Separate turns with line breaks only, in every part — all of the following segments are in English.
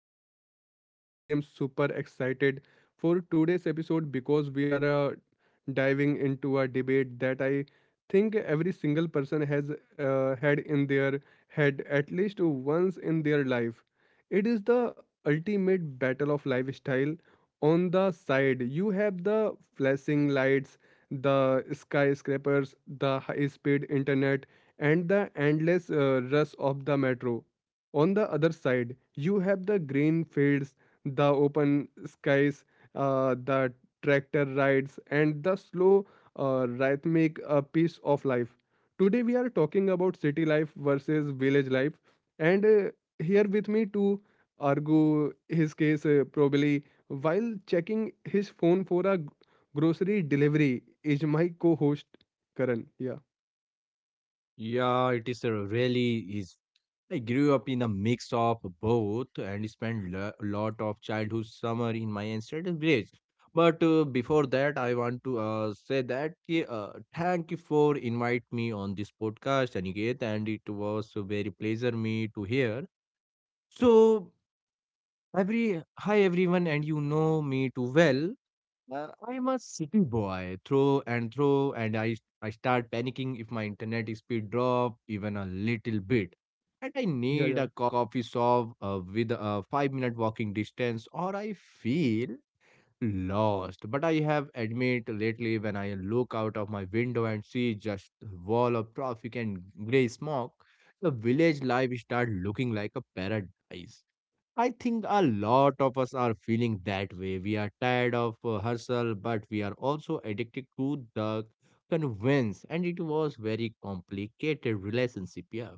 back to the podcast. I am super excited for today's episode because we are diving into a debate that I think every single person has had in their head at least once in their life. It is the ultimate battle of lifestyle. On the side, you have the flashing lights, the skyscrapers, the high speed internet, and the endless rush of the metro. On the other side, you have the green fields, the open skies, the tractor rides and the slow, rhythmic, pace of life. Today we are talking about city life versus village life. And Here with me to argue his case, probably while checking his phone for a grocery delivery, is my co-host Karan. yeah
Yeah, it is a really is. I grew up in a mix of both and spent a lot of childhood summer in my ancestral village. But before that, I want to say that thank you for invite me on this podcast, Aniket, and it was a very pleasure me to hear. So every hi everyone, and you know me too well. I'm a city boy through and through, and I start panicking if my internet speed drop even a little
yeah
bit,
yeah
and I need a coffee shop with a 5-minute walking distance, or I feel lost. But I have admit lately when I look out of my window and see just wall of traffic and gray smoke, the village life start looking like a paradise. I think a lot of us are feeling that way. We are tired of hustle, but we are also addicted to the convince, and it was very complicated relationship. Yeah,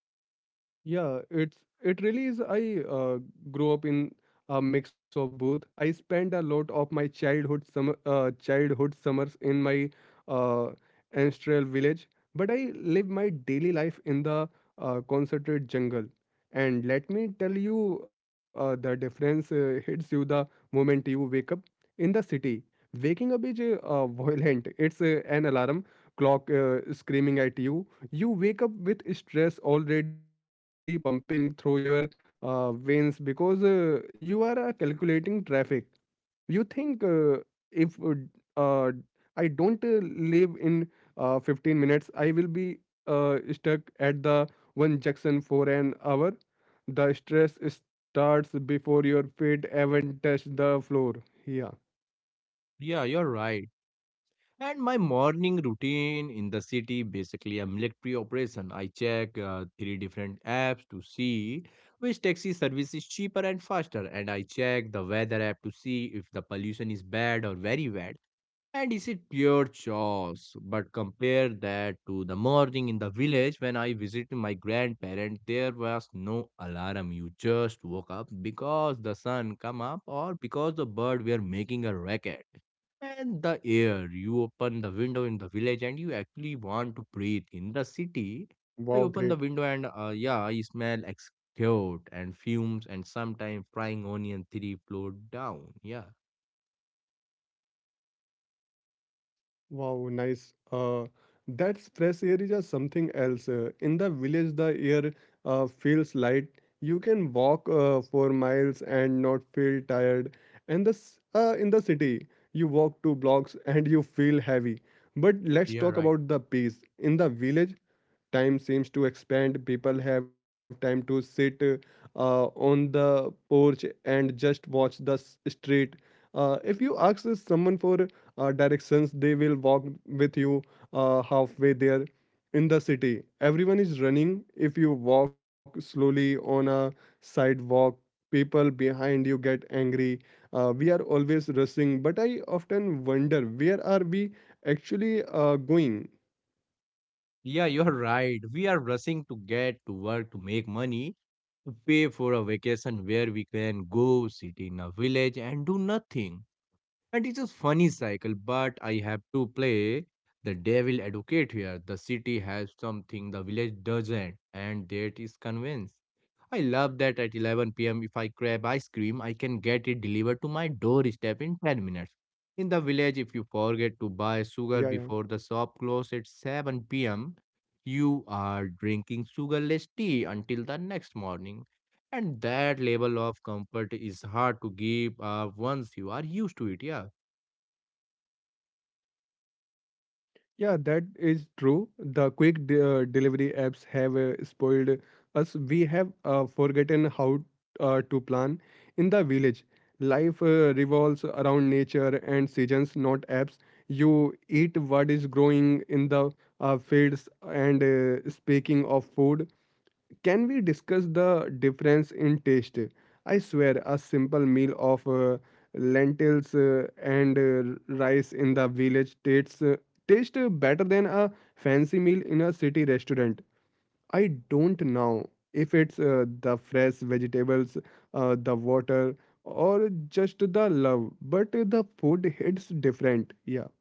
Yeah, it's it really is. I grew up in a mix of both. I spent a lot of my childhood summer, childhood summers in my uh, ancestral village, but I live my daily life in the concentrated jungle. And let me tell you, the difference hits you the moment you wake up in the city. Waking up is violent. It's an alarm clock screaming at you. You wake up with stress already pumping through your veins, because you are calculating traffic. You think, if d- uh, I don't leave in 15 minutes, I will be stuck at the one junction for an hour. The stress starts before your feet even touch the floor. yeah
yeah, you're right. And my morning routine in the city, basically a military operation. I check three different apps to see which taxi service is cheaper and faster, and I check the weather app to see if the pollution is bad or very bad. And is it pure chores? But compare that to the morning in the village when I visited my grandparents, there was no alarm. You just woke up because the sun come up or because the bird were making a racket. And the air, you open the window in the village and you actually want to breathe. In the
wow
city,
great
I open the window and yeah, I smell excrete and fumes and sometimes frying onion three floor down. Yeah.
Wow, nice. That fresh air is just something else. In the village, the air feels light. You can walk for miles and not feel tired. And this, in the city, you walk two blocks and you feel heavy. But let's
Yeah,
talk
right.
about the peace. In the village, time seems to expand. People have time to sit on the porch and just watch the street. If you ask someone for directions, they will walk with you halfway there. In the city, everyone is running. If you walk slowly on a sidewalk, people behind you get angry. We are always rushing, but I often wonder, where are we actually going?
Yeah, you're right. We are rushing to get to work to make money, to pay for a vacation where we can go sit in a village and do nothing. And it's a funny cycle, but I have to play the devil advocate here. The city has something the village doesn't, and that is convenience. I love that at 11 p.m., if I crave ice cream, I can get it delivered to my doorstep in 10 minutes. In the village, if you forget to buy
yeah
sugar
yeah
before the shop closes at 7 p.m., you are drinking sugarless tea until the next morning. And that level of comfort is hard to give up once you are used to it. Yeah.
yeah That is true. The quick delivery apps have spoiled us. We have forgotten how to plan. In the village, life revolves around nature and seasons, not apps. You eat what is growing in the fields. And speaking of food, can we discuss the difference in taste? I swear, a simple meal of lentils and rice in the village tastes taste better than a fancy meal in a city restaurant. I don't know if it's the fresh vegetables, the water, or just the love, but the food hits different. Yeah,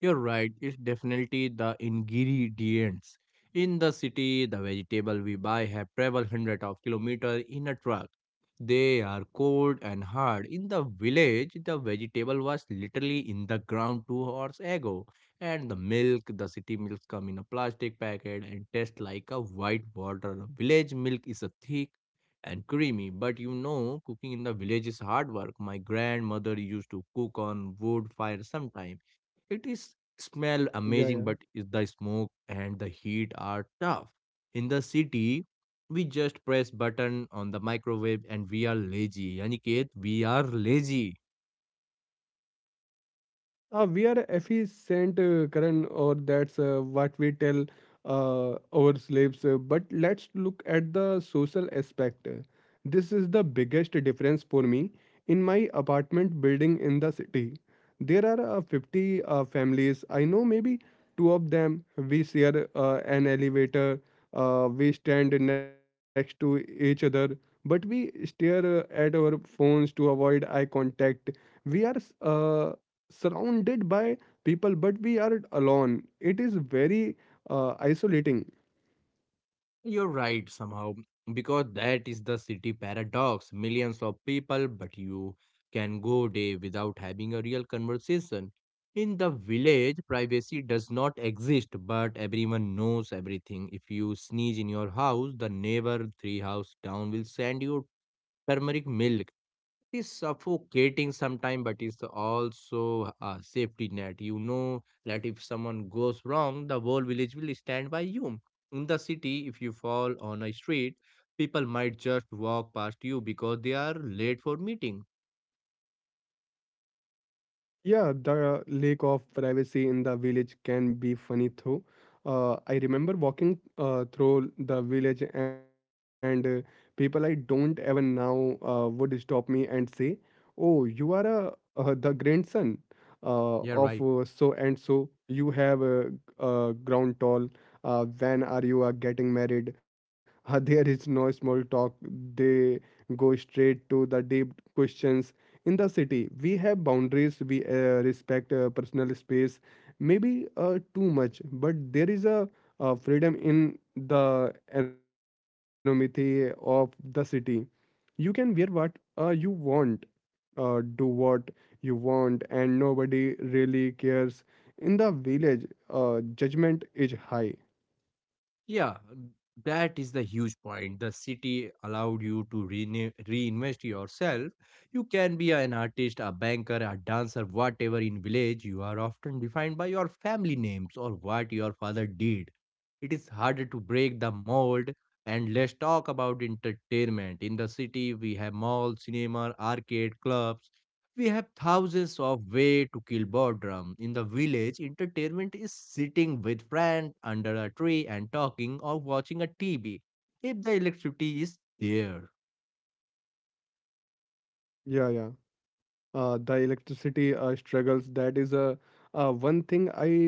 You're right, it's definitely the ingredients. In the city, the vegetable we buy have traveled hundreds of kilometers in a truck. They are cold and hard. In the village, the vegetable was literally in the ground 2 hours ago. And the milk, the city milk come in a plastic packet and taste like a white water. Village milk is a thick and creamy. But you know, cooking in the village is hard work. My grandmother used to cook on wood fire sometime. It is smell
yeah,
amazing,
yeah.
but is the smoke and the heat are tough. In the city, we just press button on the microwave and we are lazy. Aniket, we are lazy.
We are efficient, Karan, or that's what we tell our slaves. But let's look at the social aspect. This is the biggest difference for me. In my apartment building in the city, there are 50 families. I know maybe two of them. We share an elevator. We stand next to each other, but we stare at our phones to avoid eye contact. We are uh, surrounded by people, but we are alone. It is very isolating.
You're right somehow, because that is the city paradox. Millions of people, but you can go day without having a real conversation. In the village, privacy does not exist, but everyone knows everything. If you sneeze in your house, the neighbor three house down will send you turmeric milk. Is suffocating sometimes, but it's also a safety net. You know that if someone goes wrong, the whole village will stand by you. In the city, if you fall on a street, people might just walk past you because they are late for meeting.
Yeah, the lack of privacy in the village can be funny though. I remember walking through the village, and people I don't even now would stop me and say, "Oh, you are a, the grandson uh,
Yeah,
of
right.
uh, so and so. You have grown tall. When are you getting married?" There is no small talk. They go straight to the deep questions. In the city we have boundaries, we respect personal space, maybe too much, but there is a freedom in the anonymity of the city. You can wear what you want, do what you want, and nobody really cares. In the village, uh, judgment is high.
Yeah, that is the huge point. The city allowed you to reinvest yourself. You can be an artist, a banker, a dancer, whatever in village. You are often defined by your family names or what your father did. It is harder to break the mold. And let's talk about entertainment. In the city, we have malls, cinema, arcade, clubs. We have thousands of ways to kill boredom. In the village, entertainment is sitting with friends under a tree and talking or watching a TV. If the electricity is there.
Yeah. The electricity struggles, that is one thing I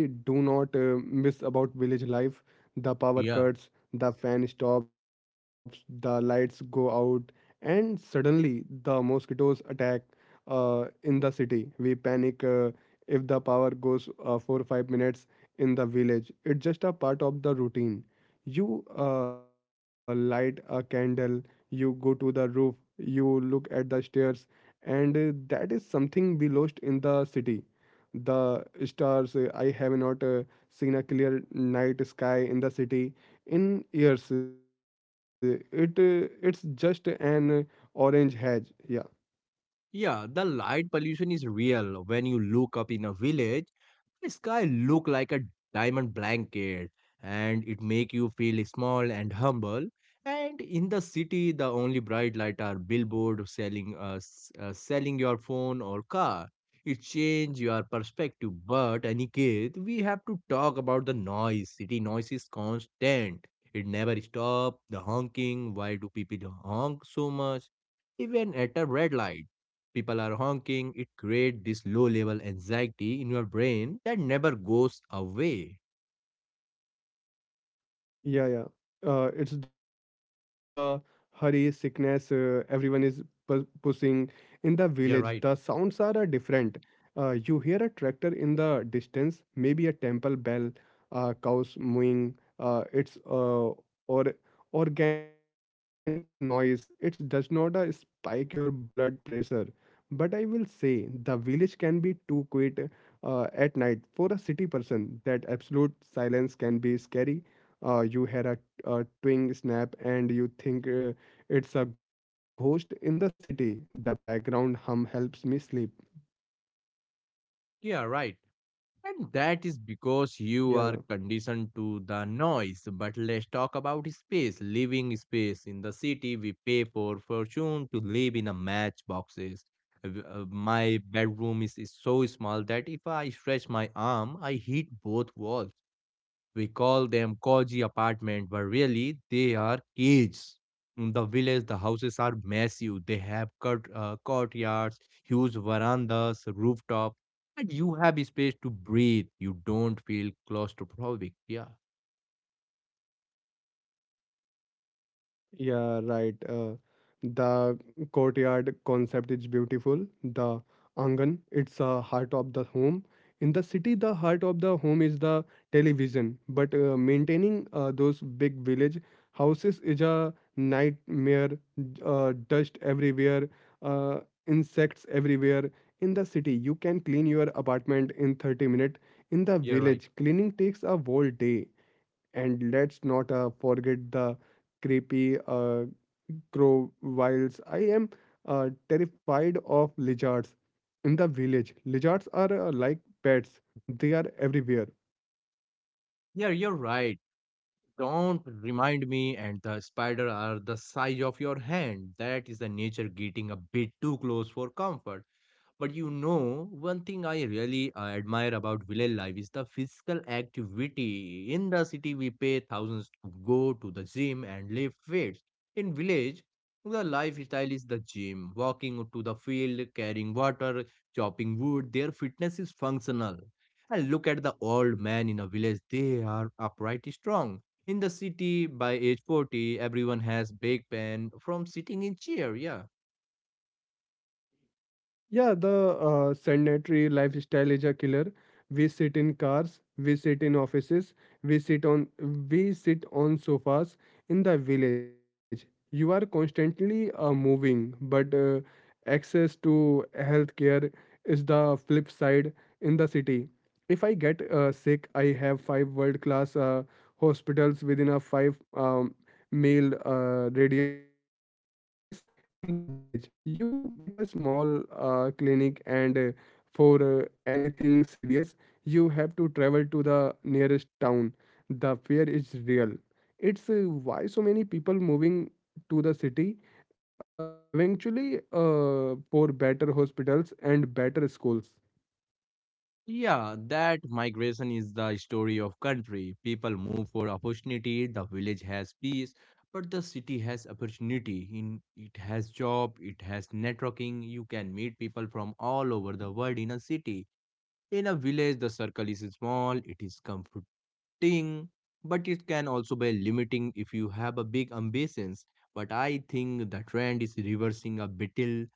do not miss about village life: the
Yeah.
power cuts. The fan stops, the lights go out, and suddenly the mosquitoes attack. In the city we panic if the power goes for 5 minutes. In the village it's just a part of the routine. You light a candle, you go to the roof, you look at the stairs. And That is something we lost in the city: the stars. I have not seen a clear night sky in the city in years. It's just an orange haze. Yeah.
Yeah, the light pollution is real. When you look up in a village, the sky look like a diamond blanket, and it make you feel small and humble. And in the city, the only bright light are billboard selling selling your phone or car. It change your perspective, but Aniket, we have to talk about the noise. City noise is constant. It never stop. The honking. Why do people honk so much? Even at a red light people are honking, it creates this low level anxiety in your brain that never goes away.
Yeah, yeah. It's the hurry, sickness, everyone is pushing.
Yeah,
In the
right.
village, the sounds are different. You hear a tractor in the distance, maybe a temple bell, cows mooing. It's or Organic noise. It does not spike your blood pressure. But I will say the village can be too quiet at night for a city person. That absolute silence can be scary. You hear a twing snap and you think it's a ghost. In the city, the background hum helps me sleep.
Yeah, right. And that is because you are
Yeah.
conditioned to the noise. But let's talk about space, living space. In the city, we pay for fortune to live in a matchboxes. My bedroom is so small that if I stretch my arm, I hit both walls. We call them cozy apartment, but really they are cages. In the village, the houses are massive. They have courtyards, huge verandas, rooftop, and you have space to breathe. You don't feel claustrophobic. Yeah,
Yeah, right. The courtyard concept is beautiful. The angan, it's a heart of the home. In the city, the heart of the home is the television, but maintaining those big village houses is a nightmare. Dust everywhere, uh, insects everywhere. In the city, you can clean your apartment in 30 minutes. In the
you're right.
village, cleaning takes a whole day. And let's not forget the creepy crocodiles. I am terrified of lizards. In the village, lizards are like pets, they are everywhere.
Yeah, you're right. Don't remind me, and the spider are the size of your hand. That is the nature getting a bit too close for comfort. But you know, one thing I really admire about village life is the physical activity. In the city, we pay thousands to go to the gym and lift weights. In village, the lifestyle is the gym, walking to the field, carrying water, chopping wood. Their fitness is functional. And look at the old man in a village; they are upright, strong. In the city, by age 40, everyone has back pain from sitting in chair. Yeah.
Yeah, the sedentary lifestyle is a killer. We sit in cars, we sit in offices, we sit on, we sit on sofas. In the village, you are constantly moving, but access to healthcare is the flip side. In the city, if I get sick, I have five world-class hospitals within a five mile radius. In the village, you might have a small clinic, and for anything serious, you have to travel to the nearest town. The fear is real. It's why so many people moving to the city, eventually, for better hospitals and better schools.
Yeah, that migration is the story of country. People move for opportunity, the village has peace, but the city has opportunity. In it has job, it has networking. You can meet people from all over the world in a city. In a village, the circle is small, it is comforting, but it can also be limiting if you have a big ambitions. But I think the trend is reversing a bit.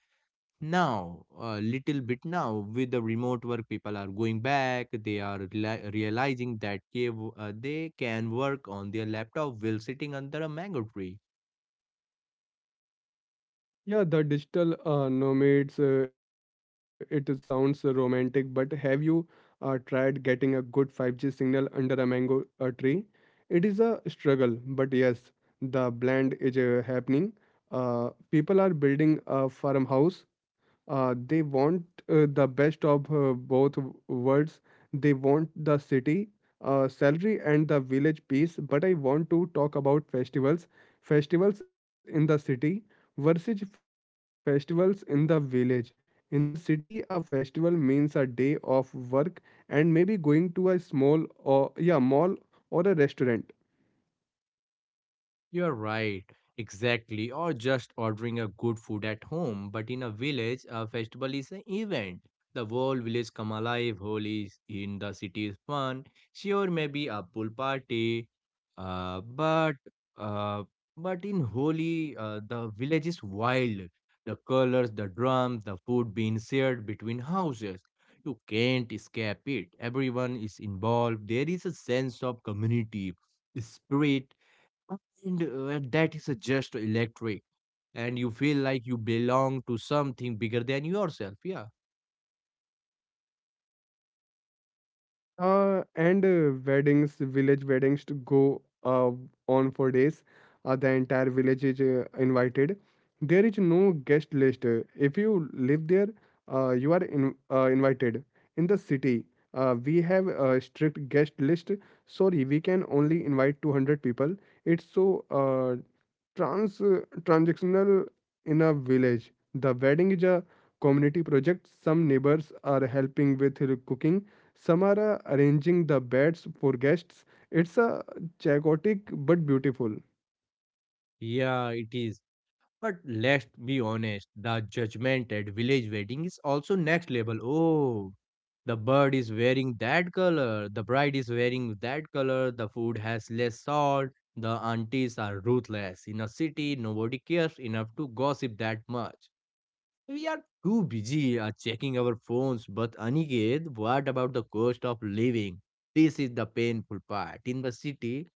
Now, a little bit now, with the remote work, people are going back. They are realizing that they can work on their laptop while sitting under a mango tree.
Yeah, the digital nomads, it sounds romantic, but have you tried getting a good 5G signal under a mango tree? It is a struggle, but yes, the blend is happening. People are building a farmhouse. They want the best of both worlds. They want the city salary and the village peace. But I want to talk about festivals. Festivals in the city versus festivals in the village. In the city, a festival means a day of work and maybe going to a small or yeah mall or a restaurant.
You're right, exactly. Or just ordering a good food at home. But in a village, a festival is an event. The whole village come alive. Holi is in the city is fun. Sure, maybe a pool party, uh, but uh, but in Holi, the village is wild. The colors, the drums, the food being shared between houses. You can't escape it. Everyone is involved. There is a sense of community, spirit, and that is just electric. And you feel like you belong to something bigger than yourself. Yeah.
And weddings, village weddings to go uh, on for days. The entire village is invited. There is no guest list. If you live there, you are invited. In the city, we have a strict guest list. Sorry, we can only invite 200 people. It's so transactional. In a village, the wedding is a community project. Some neighbors are helping with cooking. Some are arranging the beds for guests. It's a chaotic but beautiful.
Yeah, it is. But let's be honest, the judgment at village wedding is also next level. Oh, the bird is wearing that color, the bride is wearing that color, the food has less salt, the aunties are ruthless. In a city, nobody cares enough to gossip that much. We are too busy checking our phones, but Aniket, what about the cost of living? This is the painful part. In the city,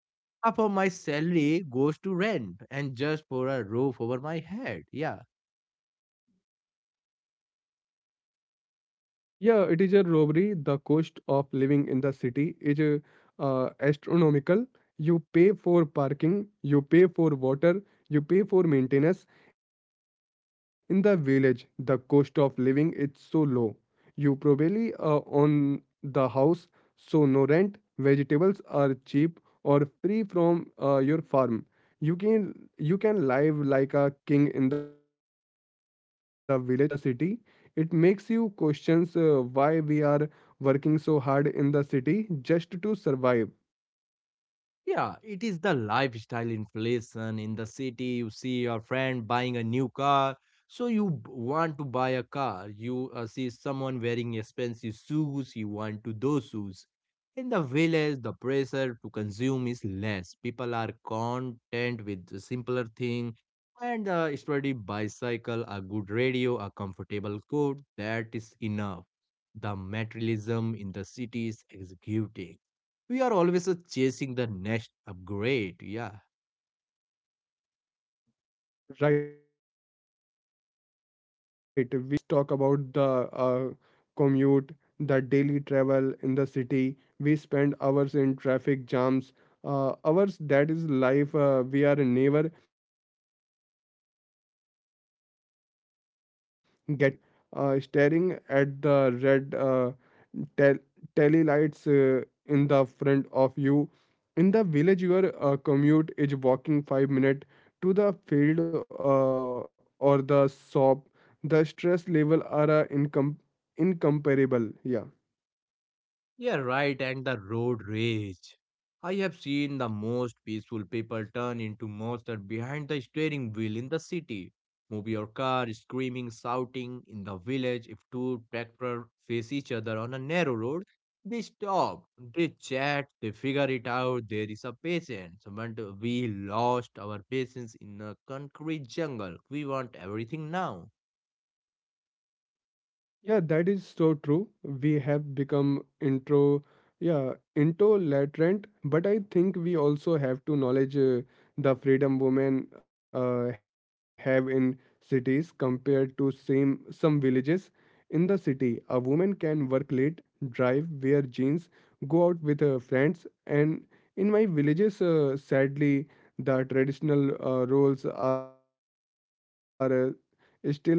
half of my salary goes to rent and just for a roof over my head. Yeah.
Yeah, it is a robbery. The cost of living in the city is astronomical. You pay for parking, you pay for water, you pay for maintenance. In the village, the cost of living is so low. You probably own the house, so no rent. Vegetables are cheap or free from your farm. You can, you can live like a king in the village for the amount of money that would make you struggle in the city. It makes you questions why we are working so hard in the city just to survive.
Yeah, it is the lifestyle inflation in the city. You see your friend buying a new car, so you want to buy a car. You see someone wearing expensive shoes, you want to those shoes. In the village, the pressure to consume is less. People are content with the simpler thing and a sturdy bicycle, a good radio, a comfortable coat. That is enough. The materialism in the city is executing, we are always chasing the next upgrade. Yeah.
Right, we are hamsters on a wheel. And let's talk about the commute, the daily travel in the city. We spend hours in traffic jams, hours that is life. We are never getting back, sitting in a car, listening to the some playlist, staring at the red tel- telely lights in the front of you. In the village, your commute is walking 5 minutes to the field or the shop. The stress level are incomparable. Yeah.
Yeah, right. And the road rage. I have seen the most peaceful people turn into monsters behind the steering wheel in the city. Move your car, screaming, shouting. In the village, if two tractors face each other on a narrow road, they stop, they chat, they figure it out. There is a patience. But we lost our patience in a concrete jungle. We want everything now.
Yeah, that is so true. We have become yeah, intolerant, but I think we also have to acknowledge the freedom women have in cities compared to same some villages. In the city, a woman can work late, drive, wear jeans, go out with her friends, and in my villages, sadly, the traditional roles are still very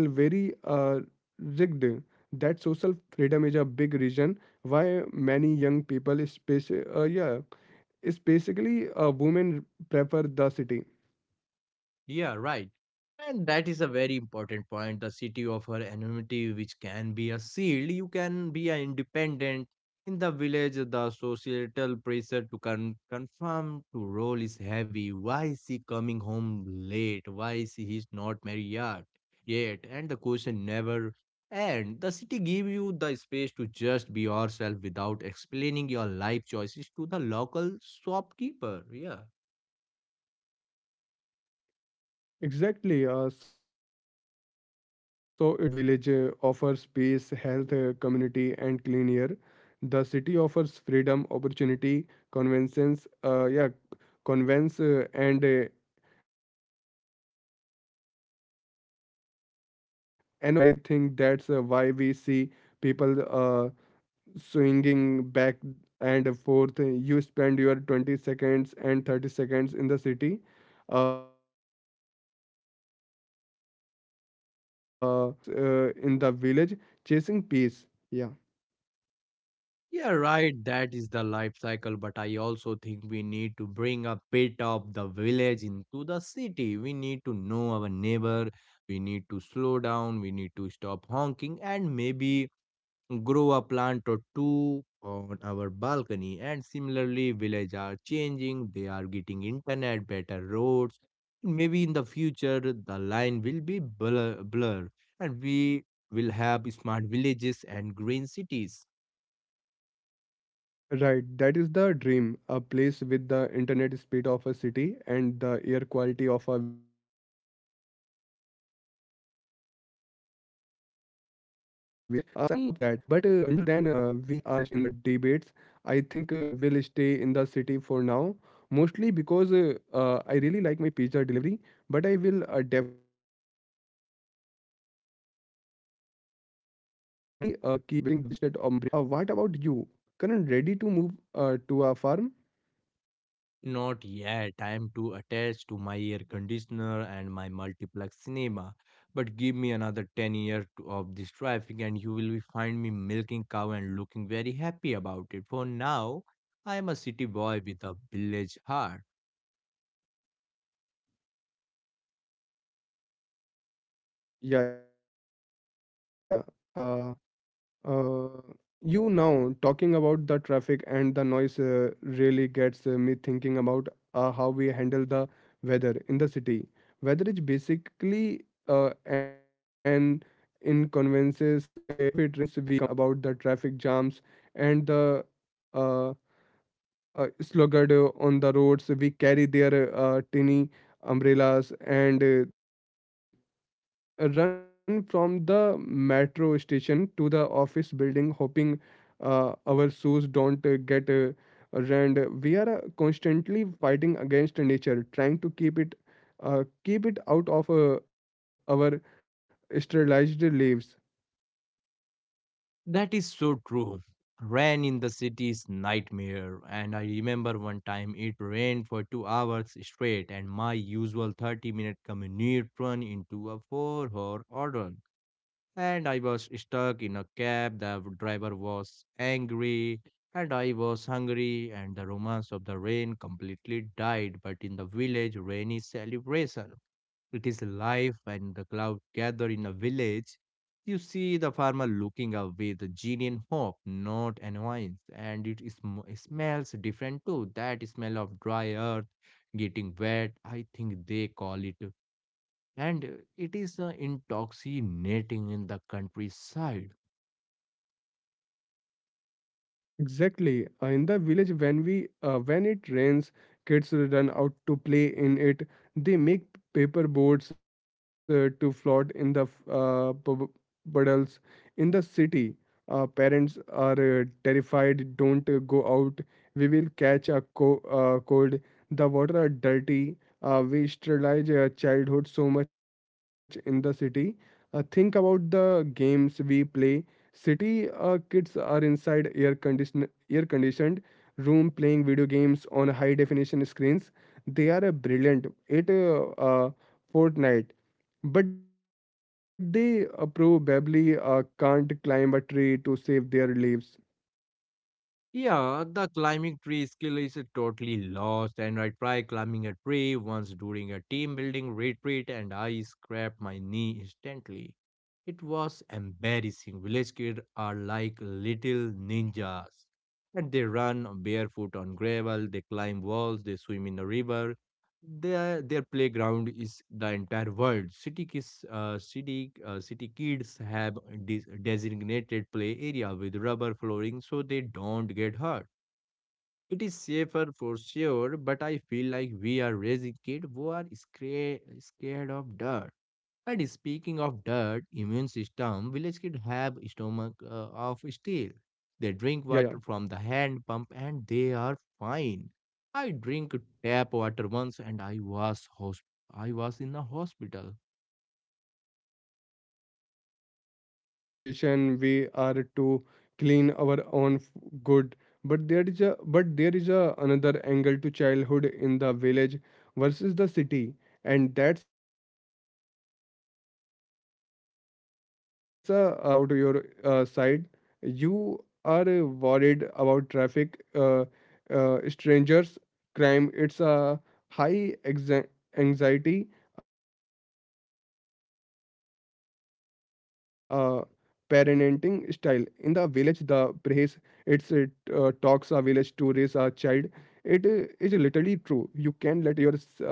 rigged. That social freedom is a big reason why many young people is basically women prefer the city.
Yeah, right. And that is a very important point. The city of her anonymity, which can be a shield, you can be an independent. In the village, the societal pressure to confirm to role is heavy. Why is she coming home late? Why is he's not married yet? Yet, and the question never end. The city give you the space to just be yourself without explaining your life choices to the local shopkeeper. Yeah.
Exactly. So it seems like it comes down to a trade off. The village offers peace, health, community, and clean air. The city offers freedom, opportunity, convenience uh, yeah convenience, and anonymity. It's through choice. I think that's why we see people swinging back and forth. You spend your 20 seconds and 30 seconds in the city. Uh, Chasing dreams, and your 50s and 16s in the village chasing peace, yeah.
Yeah, right. That is the life cycle. But I also think we need to bring a bit of the village into the city. We need to know our neighbor. We need to slow down. We need to stop honking and maybe grow a plant or two on our balcony. And similarly, village are changing. They are getting internet, better roads. Maybe in the future, the line will be blur and we will have smart villages and green cities.
Right, that is the dream, a place with the internet speed of a city and the air quality of a village. Sign me up for that. But until then, we are stuck in the debates. I think we'll stay in the city for now, mostly because I really like my pizza delivery. But I will definitely keep visiting the village to reset of my brain. What about you? Karan, ready to move to a farm?
Not yet. I am too attached to my air conditioner and my multiplex cinema. But give me another 10 years of this traffic, and you will find me milking cow and looking very happy about it. For now, I am a city boy with a village heart.
Yeah, yeah. Uh, uh, you now talking about the traffic and the noise really gets me thinking about how we handle the weather in the city. Weather is basically an inconveniences. If it rains, we complain about the traffic jams and the uh, sluggard on the roads. We carry their tiny umbrellas and run from the metro station to the office building, hoping our shoes don't get ruined. We are constantly fighting against nature, trying to keep it out of our sterilized leaves.
That is so true. Rain in the city is nightmare, and I remember one time it rained for 2 hours straight, and my usual 30-minute commute turned into a 4 hour ordeal. And I was stuck in a cab. The driver was angry, and I was hungry, and the romance of the rain completely died. But in the village, rain is celebration. It is life, and the cloud gather in a village. You see the farmer looking up with genuine hope, not annoyance, and it is, smells different too. That smell of dry earth getting wet, I think they call it and it is intoxicating in the countryside.
Exactly. In the village, when it rains, kids run out to play in it. They make paper boats to float in the puddles. In the city, parents are terrified. Don't go out. We will catch a cold. The water are dirty. We sterilize childhood so much in the city. Think about the games we play. City kids are inside air conditioned room playing video games on high definition screens. They are a brilliant at uh, Fortnite, but they probably can't climb a tree to save their lives.
Yeah, the climbing tree skill is totally lost, and I tried climbing a tree once during a team building retreat, and I scraped my knee instantly. It was embarrassing. Village kids are like little ninjas. And they run barefoot on gravel, they climb walls, they swim in the river, their playground is the entire world. City kids city kids have designated play area with rubber flooring so they don't get hurt. It is safer for sure, but I feel like we are raising kids who are scared of dirt. And speaking of dirt, immune system, village kids
Yeah, yeah.
have stomach of steel. They drink water from the hand pump and they are fine. I drink tap water once and I was I was in a hospital.
Yeah, it's the over sanitization. We are to clean our own good, but there is a but there is a another angle to childhood in the village versus the city, and supervision. In the city, you never let your uh, kid out of your side. You are worried about traffic, strangers, crime. It's a high anxiety uh, parenting style. In the village, the praise its talks a village to raise a child. It is literally true. You can let your six-year-old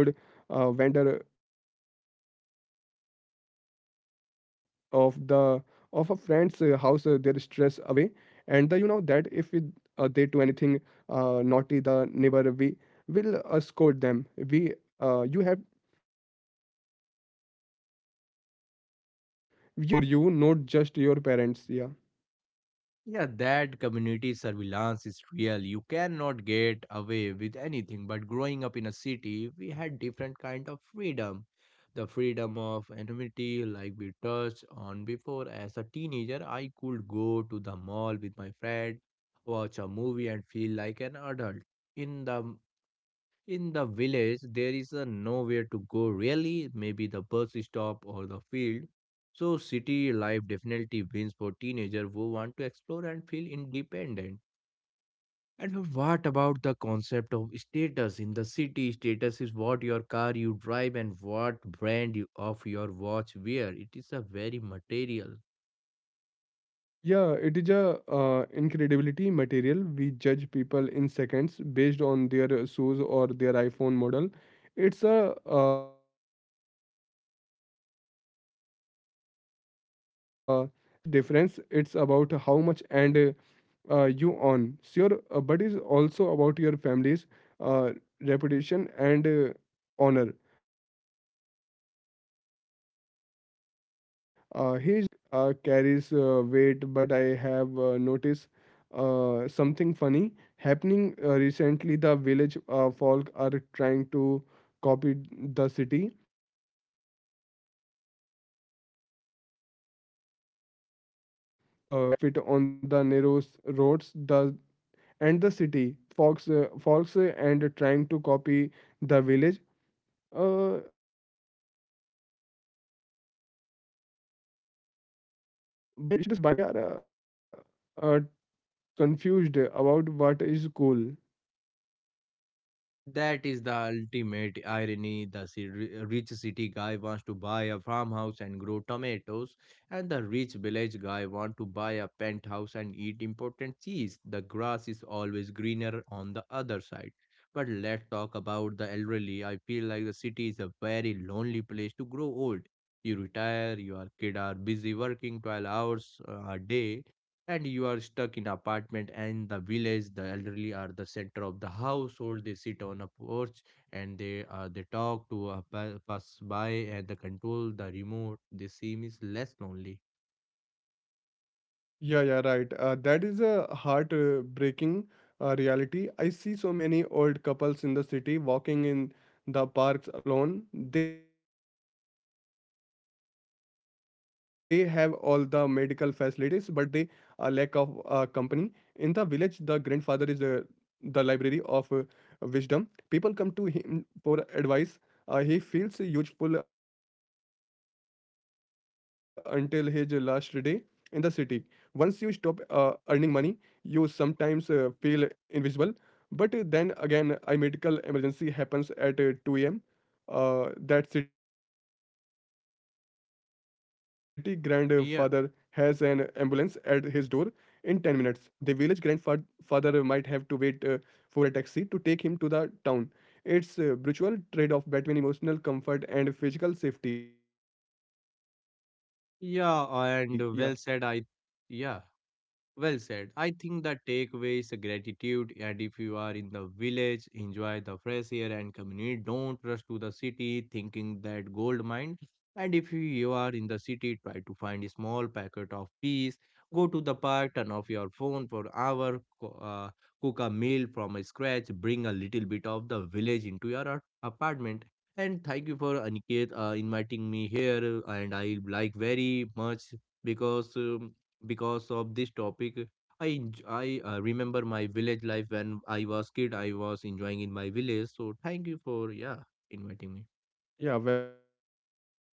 wander of the of a friend's house their stress away, and the you know that if it, they do anything naughty, the neighbor we will scold them. We uh, you have you have a thousand eyes watching out for you, not just your parents, yeah.
Yeah, that community surveillance is real. You cannot get away with anything. But growing up in a city, we had different kind of freedom. The freedom of anonymity, like we touched on before. As a teenager, I could go to the mall with my friend, watch a movie, and feel like an adult. In the in the village, there is a nowhere to go really, maybe the bus stop or the field. So city life definitely wins for teenagers who want to explore and feel independent. And what about the concept of status in the city? Status is what your car you drive and what brand of your watch wear. It is a very material.
Yeah, it is a incredibility material. We judge people in seconds based on their shoes or their iPhone model. It's a shallow rat race. In the village, status is difference. It's about how much and you on. So your but is also about your family's uh, reputation and honor. He is the son of the village headman. The That carries weight, but I have noticed something funny happening recently. The village folk are trying to copy the city status symbol, buying big SUV that don't fit on the narrow roads, the and the city folks folks and trying to copy the village uh, buying status, buying organic cotton clothes and clay pots. We are uh, uh, confused about what is cool.
That is the ultimate irony. The rich city guy wants to buy a farmhouse and grow tomatoes, and the rich village guy wants to buy a penthouse and eat important cheese. The grass is always greener on the other side. But let's talk about the elderly. I feel like the city is a very lonely place to grow old. You retire, your kid are busy working 12 hours a day, and you are stuck in apartment. And the village, the elderly are the center of the household. They sit on a porch and they talk to a pass by, and they control the remote. They seem is less lonely.
Yeah, yeah, right. That is a heart-breaking reality. I see so many old couples in the city walking in the parks alone. They have all the medical facilities, but they are lack of company. In the village, the grandfather is the library of wisdom. People come to him for advice. He feels useful until his last day in the city. Once you stop earning money, you sometimes feel invisible. But then again, a medical emergency happens at 2 a.m, that city grandfather has an ambulance at his door in 10
Yeah,
minutes. The village grandfather might have to wait for a taxi to take him to the town. It's a brutal trade-off between emotional comfort and physical safety, yeah.
yeah, and well said I yeah Well said. I think the takeaway is gratitude. And if you are in the village, enjoy the fresh air and community. Don't rush to the city thinking that gold mine. And if you are in the city, try to find a small packet of peace. Go to the park, turn off your phone for an hour, cook a meal from scratch, bring a little bit of the village into your apartment. And thank you for Aniket inviting me here. And I like very much because. Because of this topic I remember my village life when I was kid. I was enjoying in my village, so thank you for yeah inviting me.
Yeah, welcome, nice to talking.